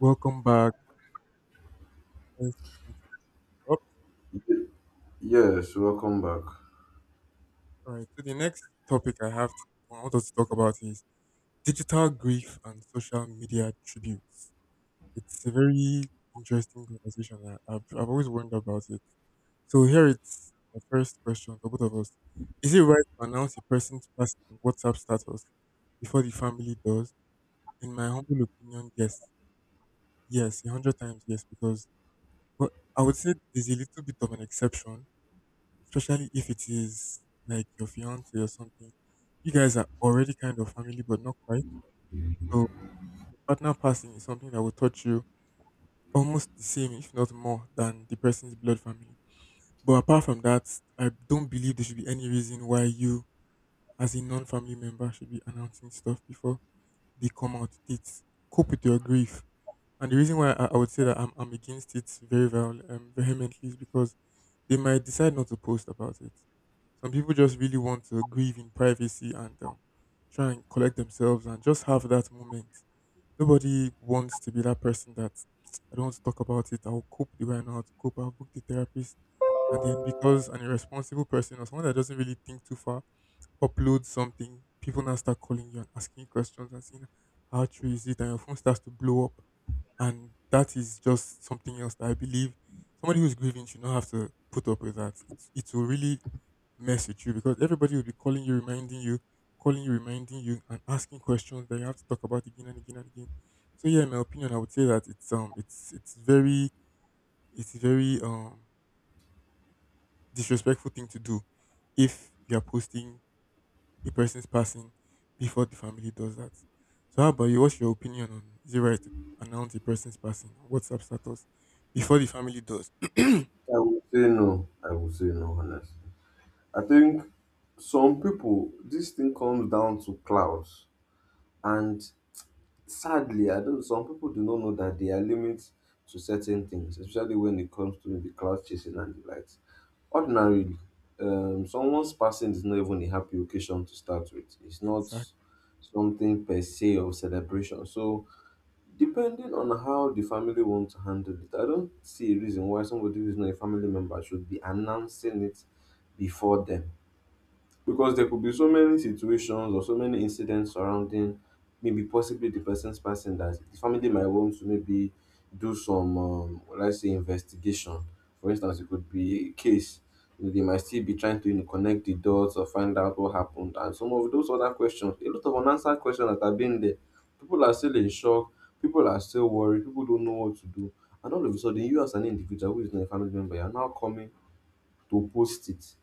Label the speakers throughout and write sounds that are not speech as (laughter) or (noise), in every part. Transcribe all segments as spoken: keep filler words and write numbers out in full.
Speaker 1: Welcome back. Let's continue. Up.
Speaker 2: Yes, welcome back.
Speaker 1: All right. So the next topic I have to, I want us to talk about is digital grief and social media tributes. It's a very interesting conversation. I, I've, I've always wondered about it. So here it's the first question for both of us. Is it right to announce a person's personal WhatsApp status before the family does? In my humble opinion, yes. Yes, a hundred times yes, because but I would say there's a little bit of an exception, especially if it is like your fiance or something. You guys are already kind of family, but not quite. So partner passing is something that will touch you almost the same, if not more, than the person's blood family. But apart from that, I don't believe there should be any reason why you, as a non-family member, should be announcing stuff before they come out. It's cope with your grief. And the reason why I, I would say that I'm, I'm against it very well, um, vehemently, is because they might decide not to post about it. Some people just really want to grieve in privacy and um, try and collect themselves and just have that moment. Nobody wants to be that person that I don't want to talk about it. I'll cope the way I know how to cope. I'll book the therapist. And then because an irresponsible person or someone that doesn't really think too far upload something, people now start calling you and asking you questions and saying, how true is it? And your phone starts to blow up. And that is just something else that I believe somebody who's grieving should not have to put up with that. It, it will really mess with you because everybody will be calling you, reminding you, calling you, reminding you, and asking questions that you have to talk about again and again and again. So yeah, in my opinion, I would say that it's um it's it's very, it's very um disrespectful thing to do if you are posting a person's passing before the family does that. So, how about you? What's your opinion on is it right to announce a person's passing on WhatsApp status before the family does? (clears throat) mm,
Speaker 2: I would say no. I would say no, honestly. I think some people, this thing comes down to clouds. And sadly, I don't, Some people do not know that there are limits to certain things, especially when it comes to the cloud chasing and the likes. Ordinarily, um, someone's passing is not even a happy occasion to start with. It's not
Speaker 1: Exactly.
Speaker 2: something per se of celebration. So, depending on how the family wants to handle it, I don't see a reason why somebody who's not a family member should be announcing it before them, because there could be so many situations or so many incidents surrounding maybe possibly the person's passing that the family might want to maybe do some um let's say investigation. For instance, it could be a case, you know, they might still be trying to, you know, connect the dots or find out what happened and some of those other questions, a lot of unanswered questions that have been there. People are still in shock, people are still worried, people don't know what to do, and all of a sudden you, as an individual who is not a family member, you're now coming to post it.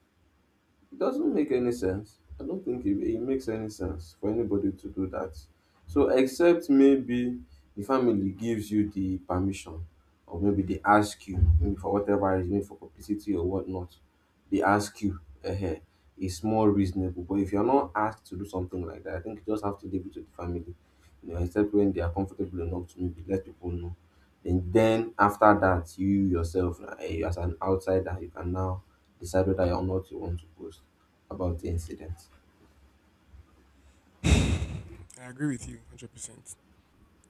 Speaker 2: It doesn't make any sense. I don't think it, it makes any sense for anybody to do that. So, except maybe the family gives you the permission, or maybe they ask you, maybe for whatever reason, for publicity or whatnot, they ask you, uh, it's more reasonable. But if you're not asked to do something like that, I think you just have to leave it to the family, you know, except when they are comfortable enough to maybe let people know. And then after that, you yourself, uh, as an outsider, you can now decide whether or not you want to post about the incident.
Speaker 1: I agree with you one hundred percent.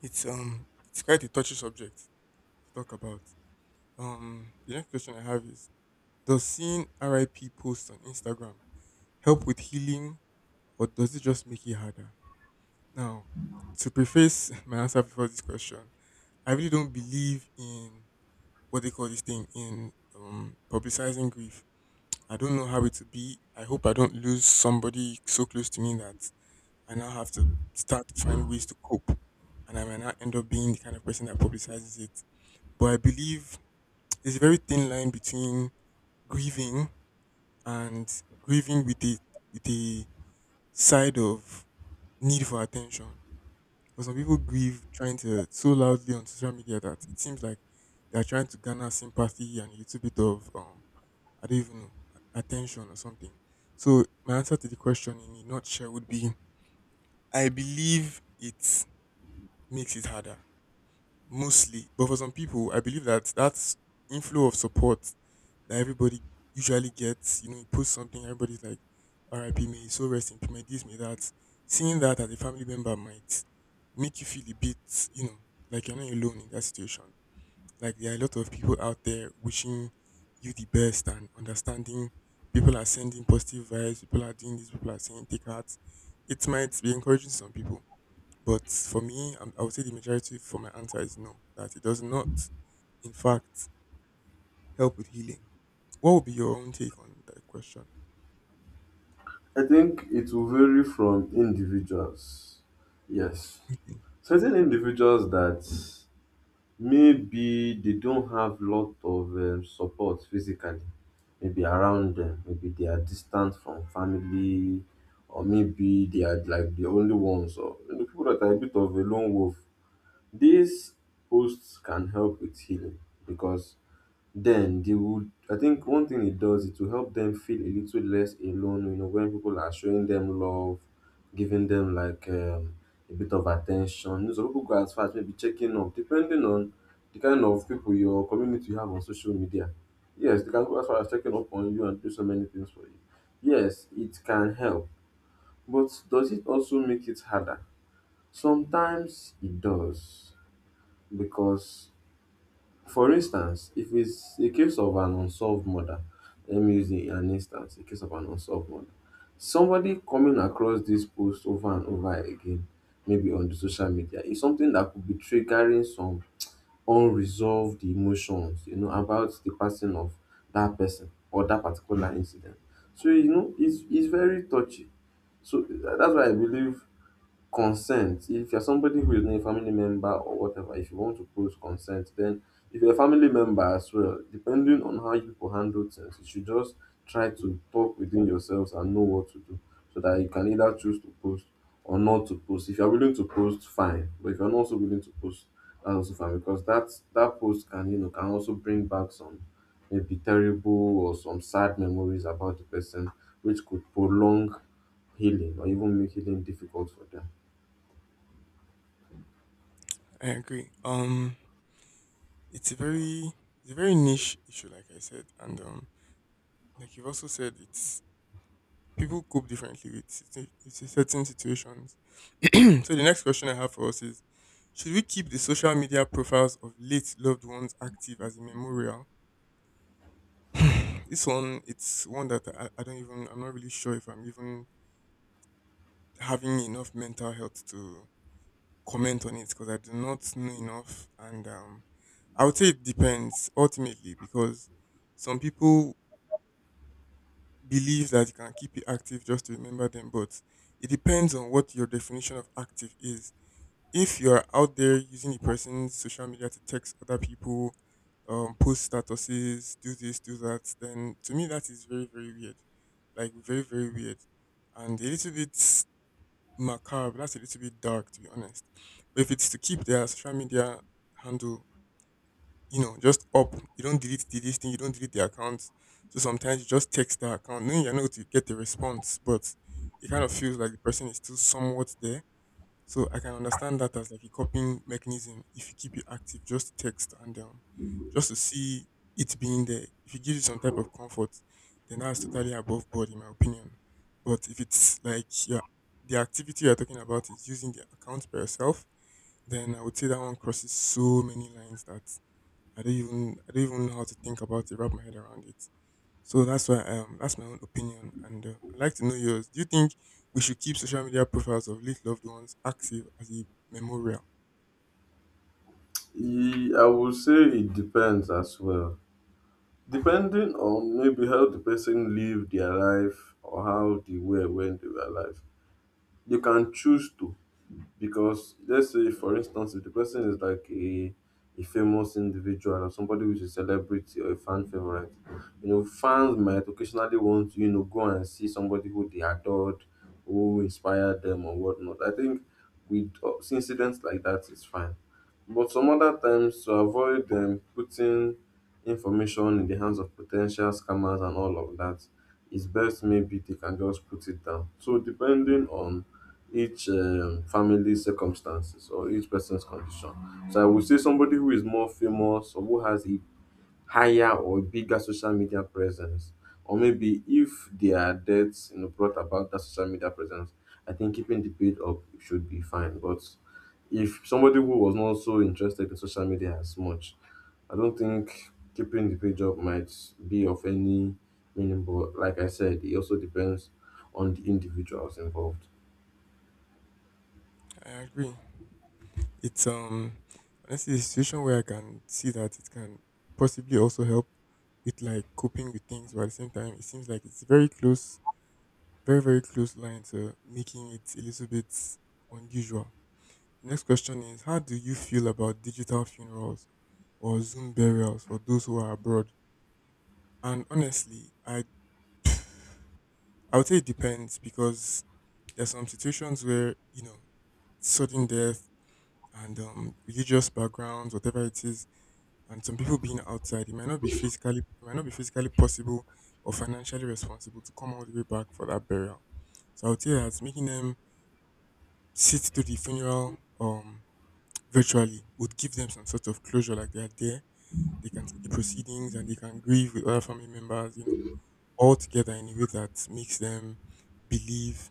Speaker 1: It's um it's quite a touchy subject to talk about. Um the next question I have is, does seeing R I P posts on Instagram help with healing, or does it just make it harder? Now, to preface (laughs) my answer before this question, I really don't believe in what they call this thing in, um, publicizing grief. I don't know how it will be. I hope I don't lose somebody so close to me that I now have to start to find ways to cope, and I might not end up being the kind of person that publicizes it. But I believe there's a very thin line between grieving and grieving with a with a side of need for attention. But some people grieve trying to so loudly on social media that it seems like they are trying to garner sympathy and a little bit of, um I don't even know a- attention or something. So my answer to the question in a nutshell would be I believe it makes it harder mostly. But for some people, I believe that that inflow of support that everybody usually gets, you know, you post something, everybody's like, "R I P. May his so rest in peace, may this, may that." Seeing that as a family member might make you feel a bit, you know, like you're not alone in that situation. Like there are a lot of people out there wishing you the best and understanding. People are sending positive vibes. People are doing this. People are saying take heart. It might be encouraging to some people. But for me, um, I would say the majority for my answer is no, that it does not, in fact, help with healing. What would be your own take on that question?
Speaker 2: I think it will vary from individuals. Yes.
Speaker 1: Okay.
Speaker 2: Certain individuals that maybe they don't have lot of um, support physically, maybe around them, maybe they are distant from family, or maybe they are like the only ones, or you know, people that are a bit of a lone wolf. These posts can help with healing because then they would, I think one thing it does is to help them feel a little less alone, you know, when people are showing them love, giving them like um, a bit of attention. You know, some people go as far as maybe checking up, depending on the kind of people your community you have on social media. Yes, they can go as far as checking up on you and do so many things for you. Yes, it can help, but does it also make it harder? Sometimes it does because, for instance, if it's a case of an unsolved murder, let me use a- an instance, a case of an unsolved murder. Somebody coming across this post over and over again, maybe on the social media, is something that could be triggering some unresolved emotions, you know, about the passing of that person or that particular incident. So, you know, it's it's very touchy. So tha- that's why I believe consent. If you're somebody who is not a family member or whatever, if you want to post, consent. Then if you're a family member as well, depending on how you people handle things, you should just try to talk within yourselves and know what to do so that you can either choose to post or not to post. If you're willing to post, fine. But if you're not also willing to post, that's also fine, because that's that post can, you know, can also bring back some maybe terrible or some sad memories about the person which could prolong healing or even make healing difficult for them.
Speaker 1: I agree. Um, it's a very, it's a very niche issue, like I said, and um, like you've also said, it's people cope differently with situ- with certain situations. (clears throat) So the next question I have for us is: should we keep the social media profiles of late loved ones active as a memorial? This one, it's one that I, I don't even, I'm not really sure if I'm even having enough mental health to comment on it because I do not know enough. And um, I would say it depends ultimately because some people believe that you can keep it active just to remember them, but it depends on what your definition of active is. If you're out there using the person's social media to text other people, um, post statuses, do this, do that, then to me that is very, very weird. Like very, very weird. And a little bit macabre. That's a little bit dark to be honest. But if it's to keep their social media handle, you know, just up, you don't delete the this thing, you don't delete the account. So sometimes you just text the account, knowing you're not going to get the response, but it kind of feels like the person is still somewhat there. So I can understand that as like a coping mechanism if you keep it active just to text and, um, just to see it being there. If it gives you some type of comfort, then that's totally above board in my opinion. But if it's like your the activity you're talking about is using the account by yourself, then I would say that one crosses so many lines that I don't even I don't even know how to think about it, wrap my head around it. So that's why um that's my own opinion, and uh, I'd like to know yours. Do you think we should keep social media profiles of late loved ones active as a memorial?
Speaker 2: E, I would say it depends as well. Depending on maybe how the person lived their life or how they were when they were alive, they can choose to, because let's say for instance if the person is like a a famous individual or somebody which is a celebrity or a fan favorite, you know, fans might occasionally want to, you know, go and see somebody who they adored, who inspired them or whatnot. I think with uh, incidents like that it's fine, but some other times to avoid them putting information in the hands of potential scammers and all of that, it's best maybe they can just put it down. So depending on each um, family circumstances or each person's condition. So I would say somebody who is more famous or who has a higher or bigger social media presence, or maybe if their deaths, you know, brought about that social media presence, I think keeping the paid up should be fine. But if somebody who was not so interested in social media as much, I don't think keeping the page up might be of any meaning. But like I said, it also depends on the individuals involved.
Speaker 1: I agree. It's um Honestly a situation where I can see that it can possibly also help with like coping with things, but at the same time, it seems like it's very close, very very close line to making it a little bit unusual. Next question is: how do you feel about digital funerals or Zoom burials for those who are abroad? And honestly, I I would say it depends because there's some situations where you know sudden death and, um, religious backgrounds, whatever it is, and some people being outside, it might not be physically, it might not be physically possible or financially responsible to come all the way back for that burial. So I would say that making them sit through the funeral, um, virtually, would give them some sort of closure, like they are there, they can see the proceedings and they can grieve with other family members, you know, all together in a way that makes them believe.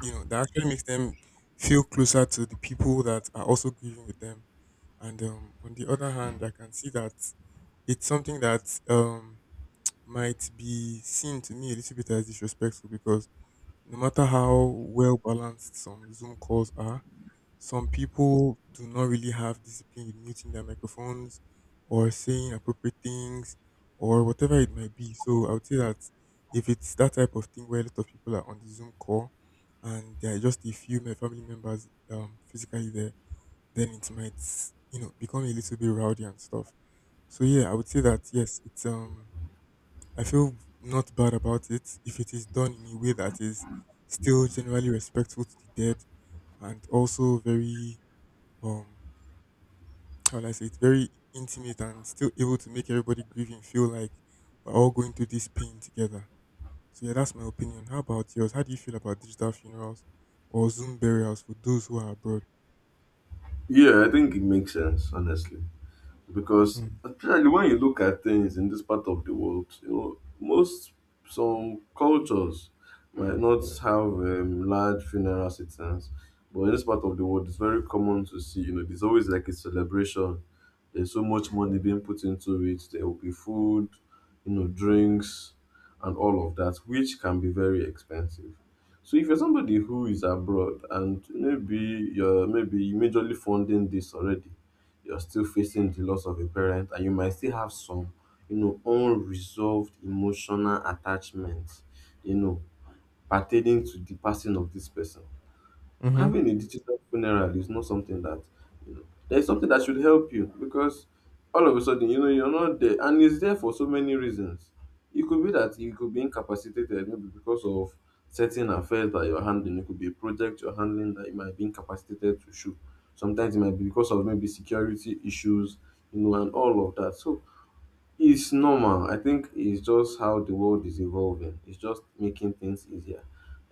Speaker 1: You know, that actually makes them feel closer to the people that are also grieving with them. And, um, on the other hand, I can see that it's something that, um, might be seen to me a little bit as disrespectful because no matter how well balanced some Zoom calls are, some people do not really have discipline with muting their microphones or saying appropriate things or whatever it might be. So I would say that if it's that type of thing where a lot of people are on the Zoom call and there are just a few my family members um, physically there, then it might, you know, become a little bit rowdy and stuff. So yeah, I would say that yes, it's um I feel not bad about it if it is done in a way that is still generally respectful to the dead and also very, um how would I say it, very intimate and still able to make everybody grieving feel like we're all going through this pain together. So yeah, that's my opinion. How about yours? How do you feel about digital funerals or Zoom burials for those who are abroad?
Speaker 2: Yeah, I think it makes sense, honestly, because
Speaker 1: Mm.
Speaker 2: especially when you look at things in this part of the world, you know, most some cultures might not have um, large funeral systems, but in this part of the world, it's very common to see. You know, there's always like a celebration. There's so much money being put into it. There will be food, you know, drinks, and all of that, which can be very expensive. So if you're somebody who is abroad and maybe you're maybe majorly funding this already, you're still facing the loss of a parent and you might still have some, you know, unresolved emotional attachment, you know, pertaining to the passing of this person,
Speaker 1: Mhm.
Speaker 2: having a digital funeral is not something that, you know, there's something that should help you, because all of a sudden, you know, you're not there, and it's there for so many reasons. It could be that you could be incapacitated maybe because of certain affairs that you're handling, it could be a project you're handling that you might be incapacitated to shoot, sometimes it might be because of maybe security issues, you know, and all of that. So it's normal. I think it's just how the world is evolving. It's just making things easier.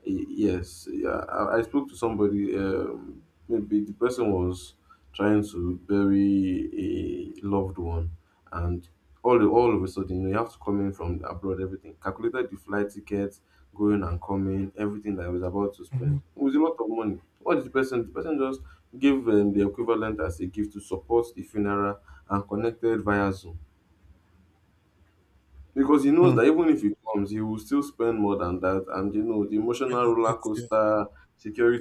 Speaker 2: Y- Yes, yeah. I, I spoke to somebody. Um, maybe the person was trying to bury a loved one, and all all of a sudden you have to come in from abroad. Everything calculated, the flight tickets, going and coming, everything that I was about to
Speaker 1: Mhm.
Speaker 2: spend. It was a lot of money. What did the person? The person just gave um, the equivalent as a gift to support the funeral and connected via Zoom, because he knows
Speaker 1: Hmm.
Speaker 2: that even if he comes, he will still spend more than that. And you know, the
Speaker 1: When he
Speaker 2: emotional roller
Speaker 1: gets here,
Speaker 2: coaster,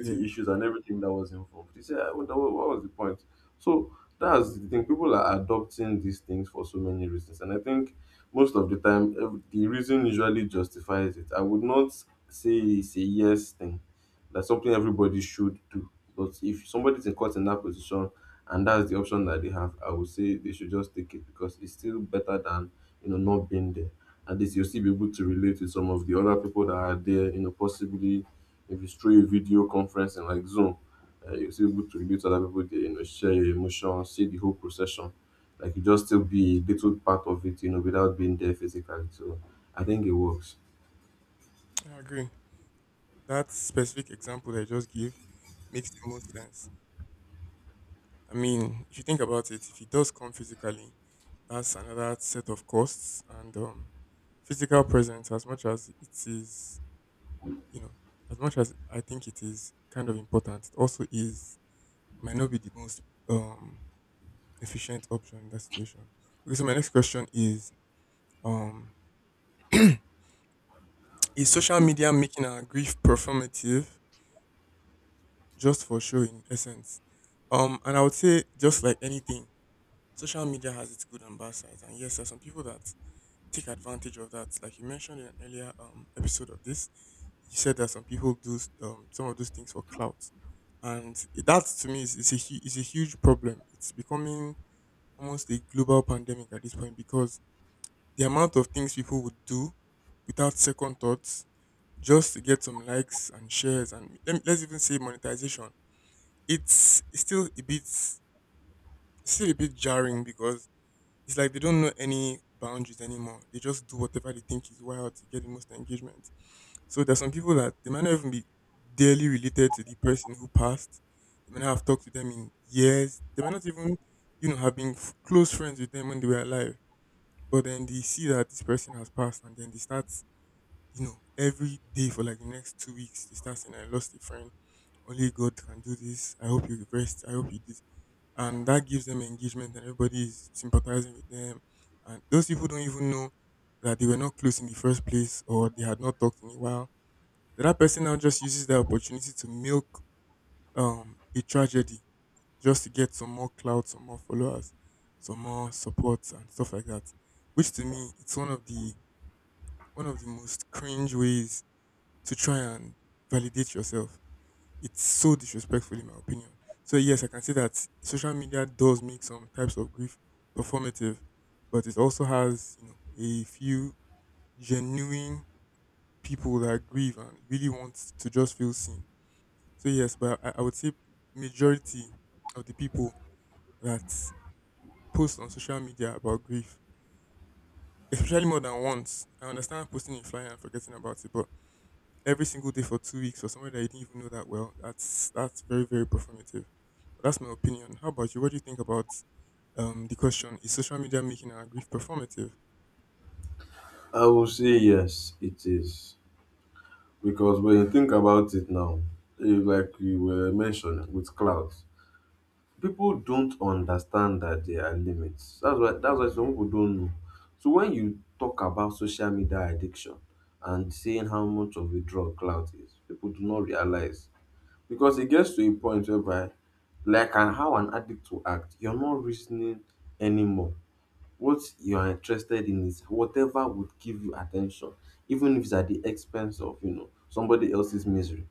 Speaker 1: yeah,
Speaker 2: issues, and everything that was involved. He said, "Ah, what, what what was the point?" So that's the thing. People are adopting these things for so many reasons. And I think most of the time, ev- the reason usually justifies it. I would not say it's a yes thing, that's something everybody should do. But if somebody's in caught in that position, and that's the option that they have, I would say they should just take it, because it's still better than, you know, not been there. At least you'll still be able to relate with some of the other people that are there, you know, possibly if it's through a video conference and like Zoom, uh, you'll still be able to relate to other people there, you know, share your emotions, see the whole procession. Like you just still be a little part of it, you know, without being there physically. So I think it works.
Speaker 1: I agree. That specific example that I just gave makes the most sense. I mean, if you think about it, if he does come physically, that's another set of costs and, um, physical presence. As much as it is, you know, as much as I think it is kind of important, it also is might not be the most um efficient option in that situation. Okay, so my next question is um (clears throat) is social media making our grief performative, just for show in essence? Um and I would say just like anything, social media has its good and bad sides. And yes, there are some people that take advantage of that. Like you mentioned in an earlier um, episode of this, you said that some people do s- um, some of those things for clout, and that to me is, is a hu- is a huge problem. It's becoming almost a global pandemic at this point because the amount of things people would do without second thoughts just to get some likes and shares and let, me- let's even say monetization. It's still a bit still a bit jarring because it's like they don't know any boundaries anymore. They just do whatever they think is wild to get the most engagement. So there's some people that they might not even be daily related to the person who passed. They might not have talked to them in years. They might not even, you know, have been f- close friends with them when they were alive. But then they see that this person has passed, and then they start, you know, every day for like the next two weeks, they start saying, "I lost a friend. Only God can do this. I hope you rest. I hope you did," and that gives them engagement and everybody is sympathizing with them, and those people don't even know that they were not close in the first place or they had not talked in a while. The that person now just uses that opportunity to milk um a tragedy just to get some more clout, some more followers, some more support and stuff like that, which to me it's one of the one of the most cringe ways to try and validate yourself. It's so disrespectful in my opinion. So yes, I can say that social media does make some types of grief performative, but it also has, you know, a few genuine people that grieve and really want to just feel seen. So yes, but I, I would say majority of the people that post on social media about grief, especially more than once. I understand posting a flyer and forgetting about it, but every single day for two weeks for somebody that you didn't even know that well, that's that's very very performative. But that's my opinion. How about you? What do you think about um the question? Is social media making our grief performative?
Speaker 2: I will say yes, it is. Because when you think about it now, eh, like you were mentioning with clouds, people don't understand that there are limits. That's why that's why some people don't know. So when you talk about social media addiction and saying how much of a drug clout is, people do not realize, because it gets to a point whereby, like an, how an addict will act, you're not reasoning anymore. What you are interested in is whatever would give you attention, even if it's at the expense of, you know, somebody else's misery.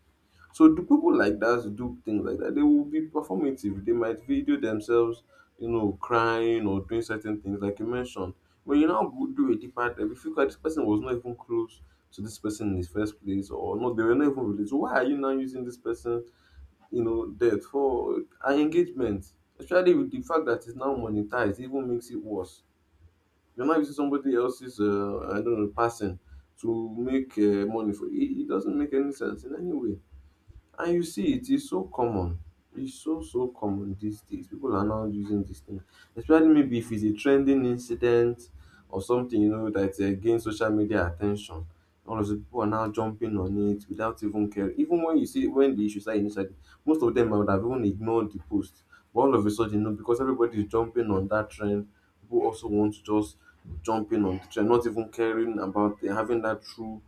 Speaker 2: So do people like that do things like that? They will be performative. They might video themselves, you know, crying or doing certain things, like you mentioned. When you now go do a deeper dive, if you feel like this person was not even close to this person in the first place, or no, they were not even related. So why are you now using this person, you know, death for an engagement? Especially with the fact that it's now monetized, it even makes it worse. You're not using somebody else's, uh, I don't know, person to make uh, money for it. It doesn't make any sense in any way. And you see, it is so common. It's so so common these days. People are now using this thing, especially maybe if it's a trending incident or something you know that uh, gains social media attention. All of the people are now jumping on it without even caring. Even when you see when the issues are initially, most of them I would have even ignored the post. But all of a sudden, you know, because everybody is jumping on that trend, people also want to just jump in on the trend, not even caring about uh, having that true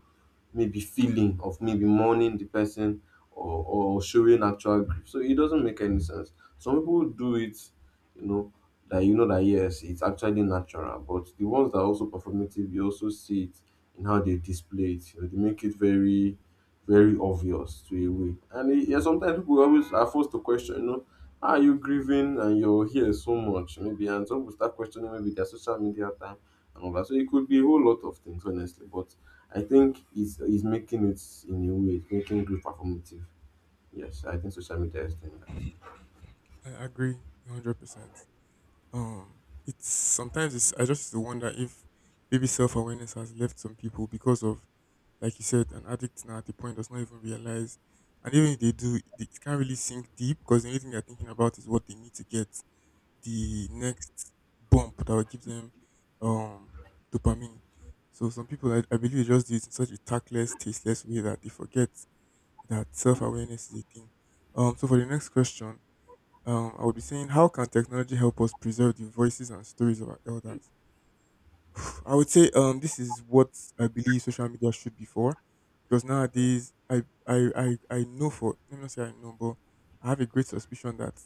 Speaker 2: maybe feeling of maybe mourning the person or, or showing actual grief. So it doesn't make any sense. Some people do it, you know, that you know that yes, it's actually natural. But the ones that are also performative, you also see it in how they display it. You know, they make it very, very obvious to a way. And it, yeah, sometimes people always are forced to question, you know, are you grieving and you're here so much? Maybe and some people start questioning maybe their social media time and all that. So it could be a whole lot of things, honestly. But I think it's it's making it in a way, it's making good performative. Yes, I think social media is doing that.
Speaker 1: I agree, one hundred percent. Um, it's sometimes it's I just wonder if maybe self awareness has left some people because of, like you said, an addict now at the point does not even realize, and even if they do, they, it can't really sink deep because the only thing they're thinking about is what they need to get the next bump that will give them um dopamine. So some people, I, I believe, they just do it in such a tactless, tasteless way that they forget that self awareness is a thing. Um, so for the next question, um, I would be saying, how can technology help us preserve the voices and stories of our elders? I would say, um, this is what I believe social media should be for, because nowadays, I, I, I, I know for, let me not say I know, but I have a great suspicion that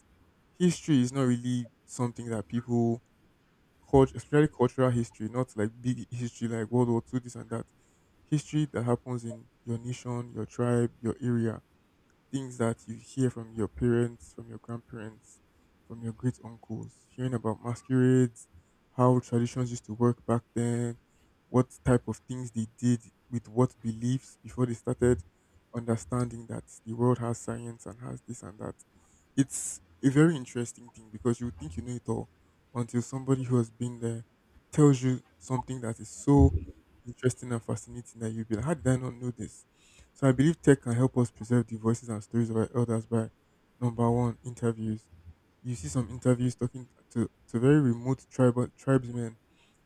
Speaker 1: history is not really something that people, culture, especially cultural history, not like big history like World War Two, this and that. History that happens in your nation, your tribe, your area, things that you hear from your parents, from your grandparents, from your great uncles, hearing about masquerades, how traditions used to work back then, what type of things they did with what beliefs before they started understanding that the world has science and has this and that. It's a very interesting thing because you would think you know it all until somebody who has been there tells you something that is so interesting and fascinating that you'll be like, how did I not know this? So I believe tech can help us preserve the voices and stories of our elders by number one, interviews. You see some interviews talking to, to very remote tribal tribesmen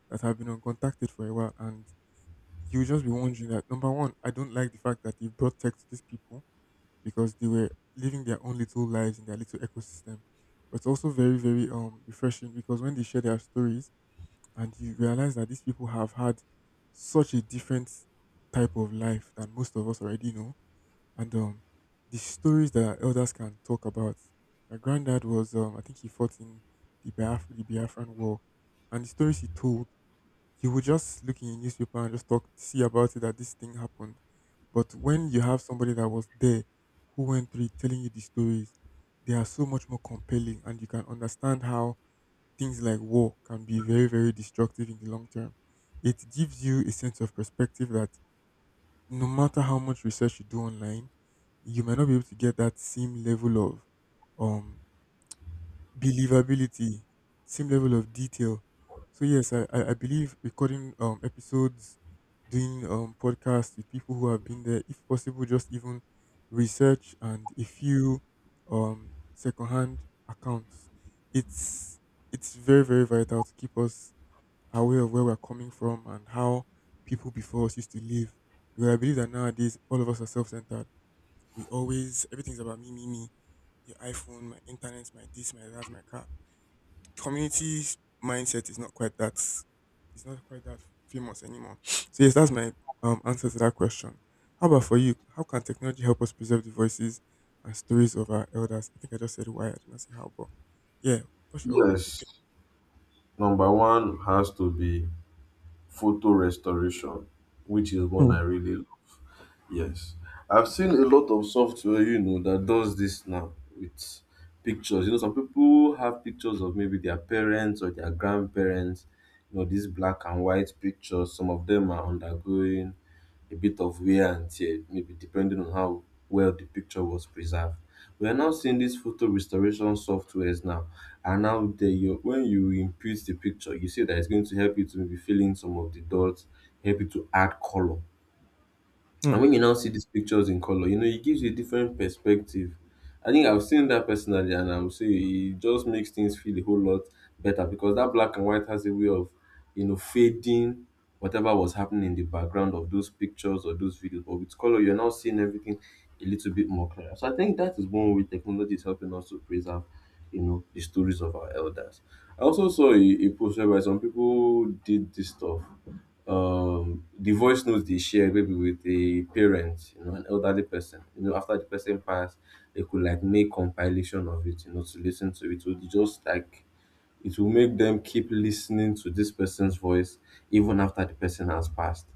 Speaker 1: that have been uncontacted for a while, and you just be wondering that number one, I don't like the fact that they brought tech to these people because they were living their own little lives in their little ecosystem. But it's also very, very um refreshing because when they share their stories and you realize that these people have had such a different type of life than most of us already know. And um, The stories that our elders can talk about. My granddad was, um, I think he fought in the, Biaf- the Biafran War, and the stories he told, he would just look in the newspaper and just talk, see about it that this thing happened. But when you have somebody that was there, who went through it, telling you the stories, they are so much more compelling, and you can understand how things like war can be very, very destructive in the long term. It gives you a sense of perspective that no matter how much research you do online, you might not be able to get that same level of um believability, same level of detail. So yes, I, I, I believe recording um episodes, doing um podcasts with people who have been there, if possible, just even research and a few um secondhand accounts. It's it's very, very vital to keep us aware of where we're coming from and how people before us used to live. Because I believe that nowadays all of us are self centered. We always everything's about me, me, me. Your iPhone, my internet, my this, my that, my car. Community mindset is not quite that it's not quite that famous anymore. So yes, that's my um answer to that question. How about for you? How can technology help us preserve the voices and stories of our elders? I think I just said why I did not say how, but yeah, what's your
Speaker 2: Yes, number one has to be photo restoration, which is one I
Speaker 1: opinion?
Speaker 2: really love. Yes, I've seen a lot of software, you know, that does this now with pictures. You know, some people have pictures of maybe their parents or their grandparents. You know, these black and white pictures. Some of them are undergoing a bit of wear and tear, maybe depending on how well the picture was preserved. We are now seeing these photo restoration softwares now, and now they, you, when you input the picture, you see that it's going to help you to maybe fill in some of the dots, help you to add color.
Speaker 1: Hmm.
Speaker 2: And when you now see these pictures in color, you know, it gives you a different perspective. I think I've seen that personally, and I'm saying it just makes things feel a whole lot better because that black and white has a way of, you know, fading whatever was happening in the background of those pictures or those videos. But with color, you're now seeing everything a little bit more clear. So I think that is one way technology is helping us to preserve, you know, the stories of our elders. I also saw a, a post whereby some people did this stuff um the voice notes they share maybe with a parent, you know, an elderly person, you know, after the person passed, they could like make compilation of it, you know, to listen to it. So they just like it will make them keep listening to this person's voice even after the person has passed.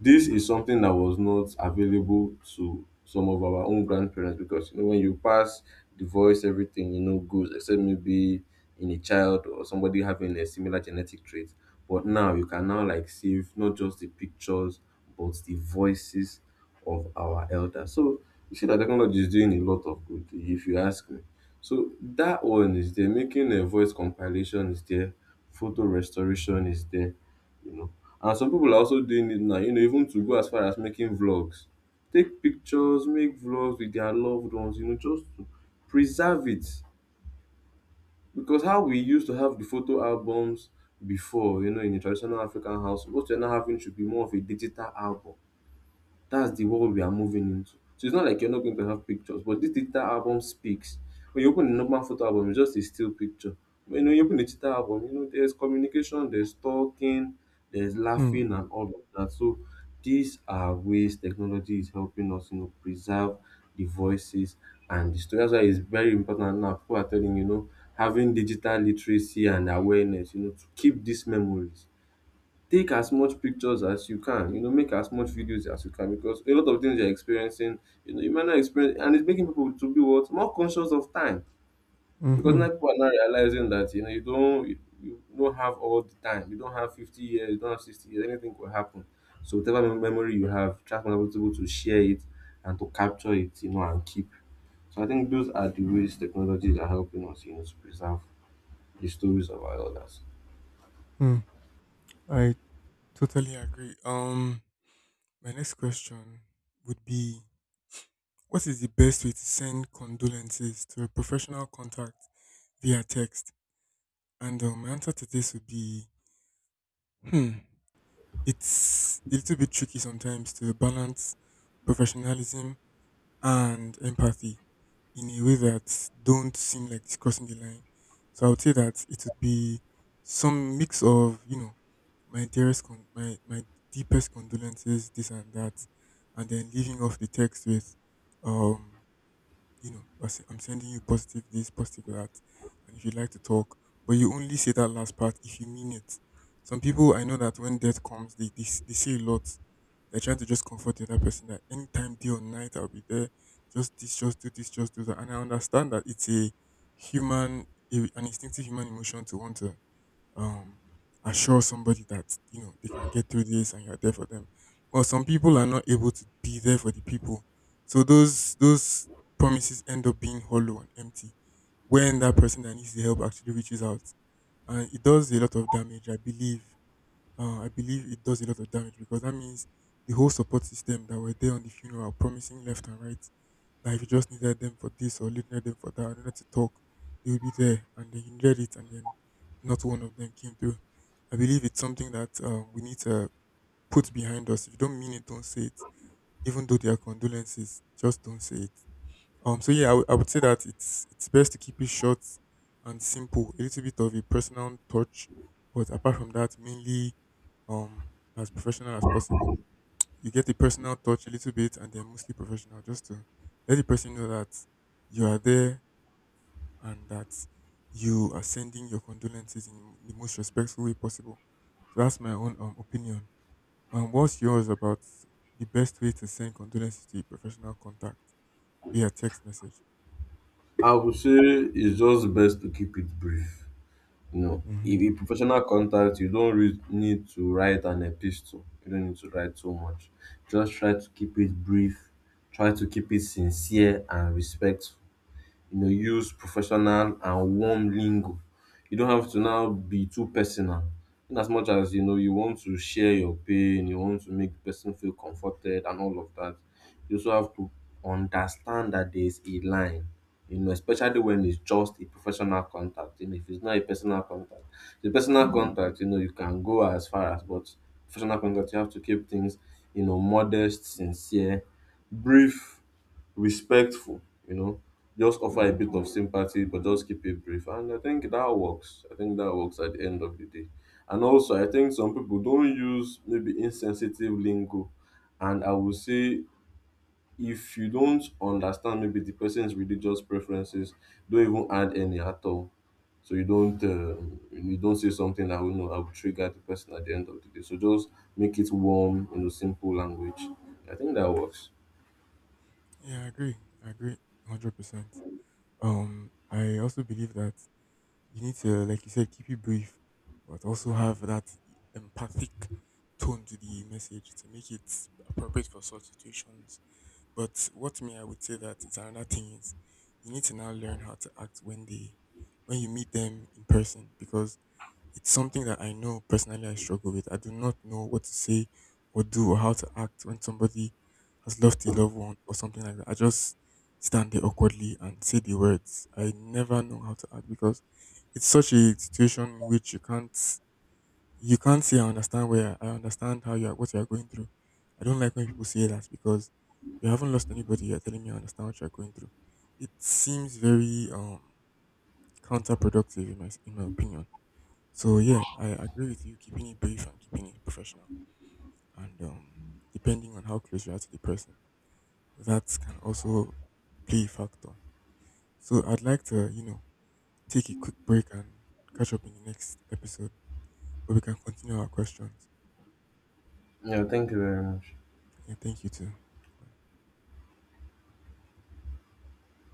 Speaker 2: This is something that was not available to some of our own grandparents because you know when you pass the voice, everything you know goes except maybe in a child or somebody having a similar genetic trait. But now you can now like save not just the pictures but the voices of our elders. So you see that technology is doing a lot of good if you ask me. So that one is there, making a voice compilation is there, photo restoration is there, you know. And some people are also doing it now, you know, even to go as far as making vlogs. Take pictures, make vlogs with their loved ones, you know, just to preserve it. Because how we used to have the photo albums before, you know, in a traditional African house, what you're now having should be more of a digital album. That's the world we are moving into. So it's not like you're not going to have pictures, but this digital album speaks. When you open a normal photo album, it's just a still picture. When you you open a digital album, you know, there's communication, there's talking, there's
Speaker 1: Hmm.
Speaker 2: laughing, and all of that. So these are ways technology is helping us, you know, preserve the voices and the story. That's why it's very important now. People are telling you know having digital literacy and awareness, you know, to keep these memories. Take as much pictures as you can, you know, make as much videos as you can because a lot of things you're experiencing, you know, you might not experience. And it's making people to be what more conscious of time
Speaker 1: Hmm.
Speaker 2: because
Speaker 1: hmm
Speaker 2: now people are now realizing that you know you don't you, you don't have all the time, you don't have fifty years, you don't have sixty years, anything could happen. So whatever mem- memory you have, try to be able to share it and to capture it, you know, and keep. So I think those are the ways technologies are helping us, you know, to preserve the stories of our elders.
Speaker 1: Hmm. I Totally agree. Um, my next question would be: What is the best way to send condolences to a professional contact via text? And um, my answer to this would be: Hmm, it's a little bit tricky sometimes to balance professionalism and empathy in a way that don't seem like it's crossing the line. So I would say that it would be some mix of, you know, my dearest con- my my deepest condolences, this and that, and then leaving off the text with um you know, I se- I'm sending you positive this, positive that, and if you'd like to talk, but you only say that last part if you mean it. Some people I know that when death comes, they they, s- they say a lot. They're trying to just comfort the other person that anytime, day or night, I'll be there. Just this, just do this, just do that. And I understand that it's a human, a, an instinctive human emotion to want to um, assure somebody that you know they can get through this and you're there for them. Well, some people are not able to be there for the people, so those those promises end up being hollow and empty when that person that needs the help actually reaches out, and it does a lot of damage, I believe. Uh, I believe it does a lot of damage because that means the whole support system that were there on the funeral, promising left and right, that if you just needed them for this or needed them for that, or needed to talk, they would be there. And then you needed it, and then not one of them came through. I believe it's something that uh, we need to put behind us. If you don't mean it, don't say it. Even though there are condolences, just don't say it. Um, so yeah, I would I would say that it's it's best to keep it short and simple. A little bit of a personal touch, but apart from that, mainly um as professional as possible. You get the personal touch a little bit, and then mostly professional, just to let the person know that you are there and that you are sending your condolences in the most respectful way possible. So that's my own um, opinion. Um, what's yours about the best way to send condolences to a professional contact via text message?
Speaker 2: I would say it's just best to keep it brief. You know, if a professional contact, you don't re- need to write an epistle. You don't need to write so much. Just try to keep it brief, try to keep it sincere and respectful, you know, use professional and warm lingo. You don't have to now be too personal. In as much as you know you want to share your pain, you want to make the person feel comforted and all of that, you also have to understand that there is a line. You know, especially when it's just a professional contact. You know, if it's not a personal contact, the personal contact, you know, you can go as far as, but professional contact, you have to keep things, you know, modest, sincere, brief, respectful, you know, just offer a bit of sympathy, but just keep it brief. And I think that works. I think that works at the end of the day. And also, I think some people don't use maybe insensitive lingo. And I would say, if you don't understand maybe the person's religious preferences, don't even add any at all. So you don't um you don't say something that will know I will trigger the person at the end of the day. So just make it warm, you know, simple language. I think that works.
Speaker 1: Yeah, I agree. I agree one hundred percent. Um, I also believe that you need to, like you said, keep it brief, but also have that empathic tone to the message to make it appropriate for such situations. But what me, I would say that is another thing is you need to now learn how to act when they, when you meet them in person, because it's something that I know personally I struggle with. I do not know what to say or do or how to act when somebody has lost a loved one or something like that. I just stand there awkwardly and say the words. I never know how to act because it's such a situation in which you can't you can't say I understand where I understand how you are what you are going through. I don't like when people say that because you haven't lost anybody, you're telling me I understand what you're going through. It seems very um counterproductive in my in my opinion. So yeah, I agree with you. Keeping it brief and keeping it professional, and um, depending on how close you are to the person, that can also play a factor. So I'd like to, you know, take a quick break and catch up in the next episode, where we can continue our questions.
Speaker 2: Yeah, thank you very much.
Speaker 1: Yeah, thank you too. Bye.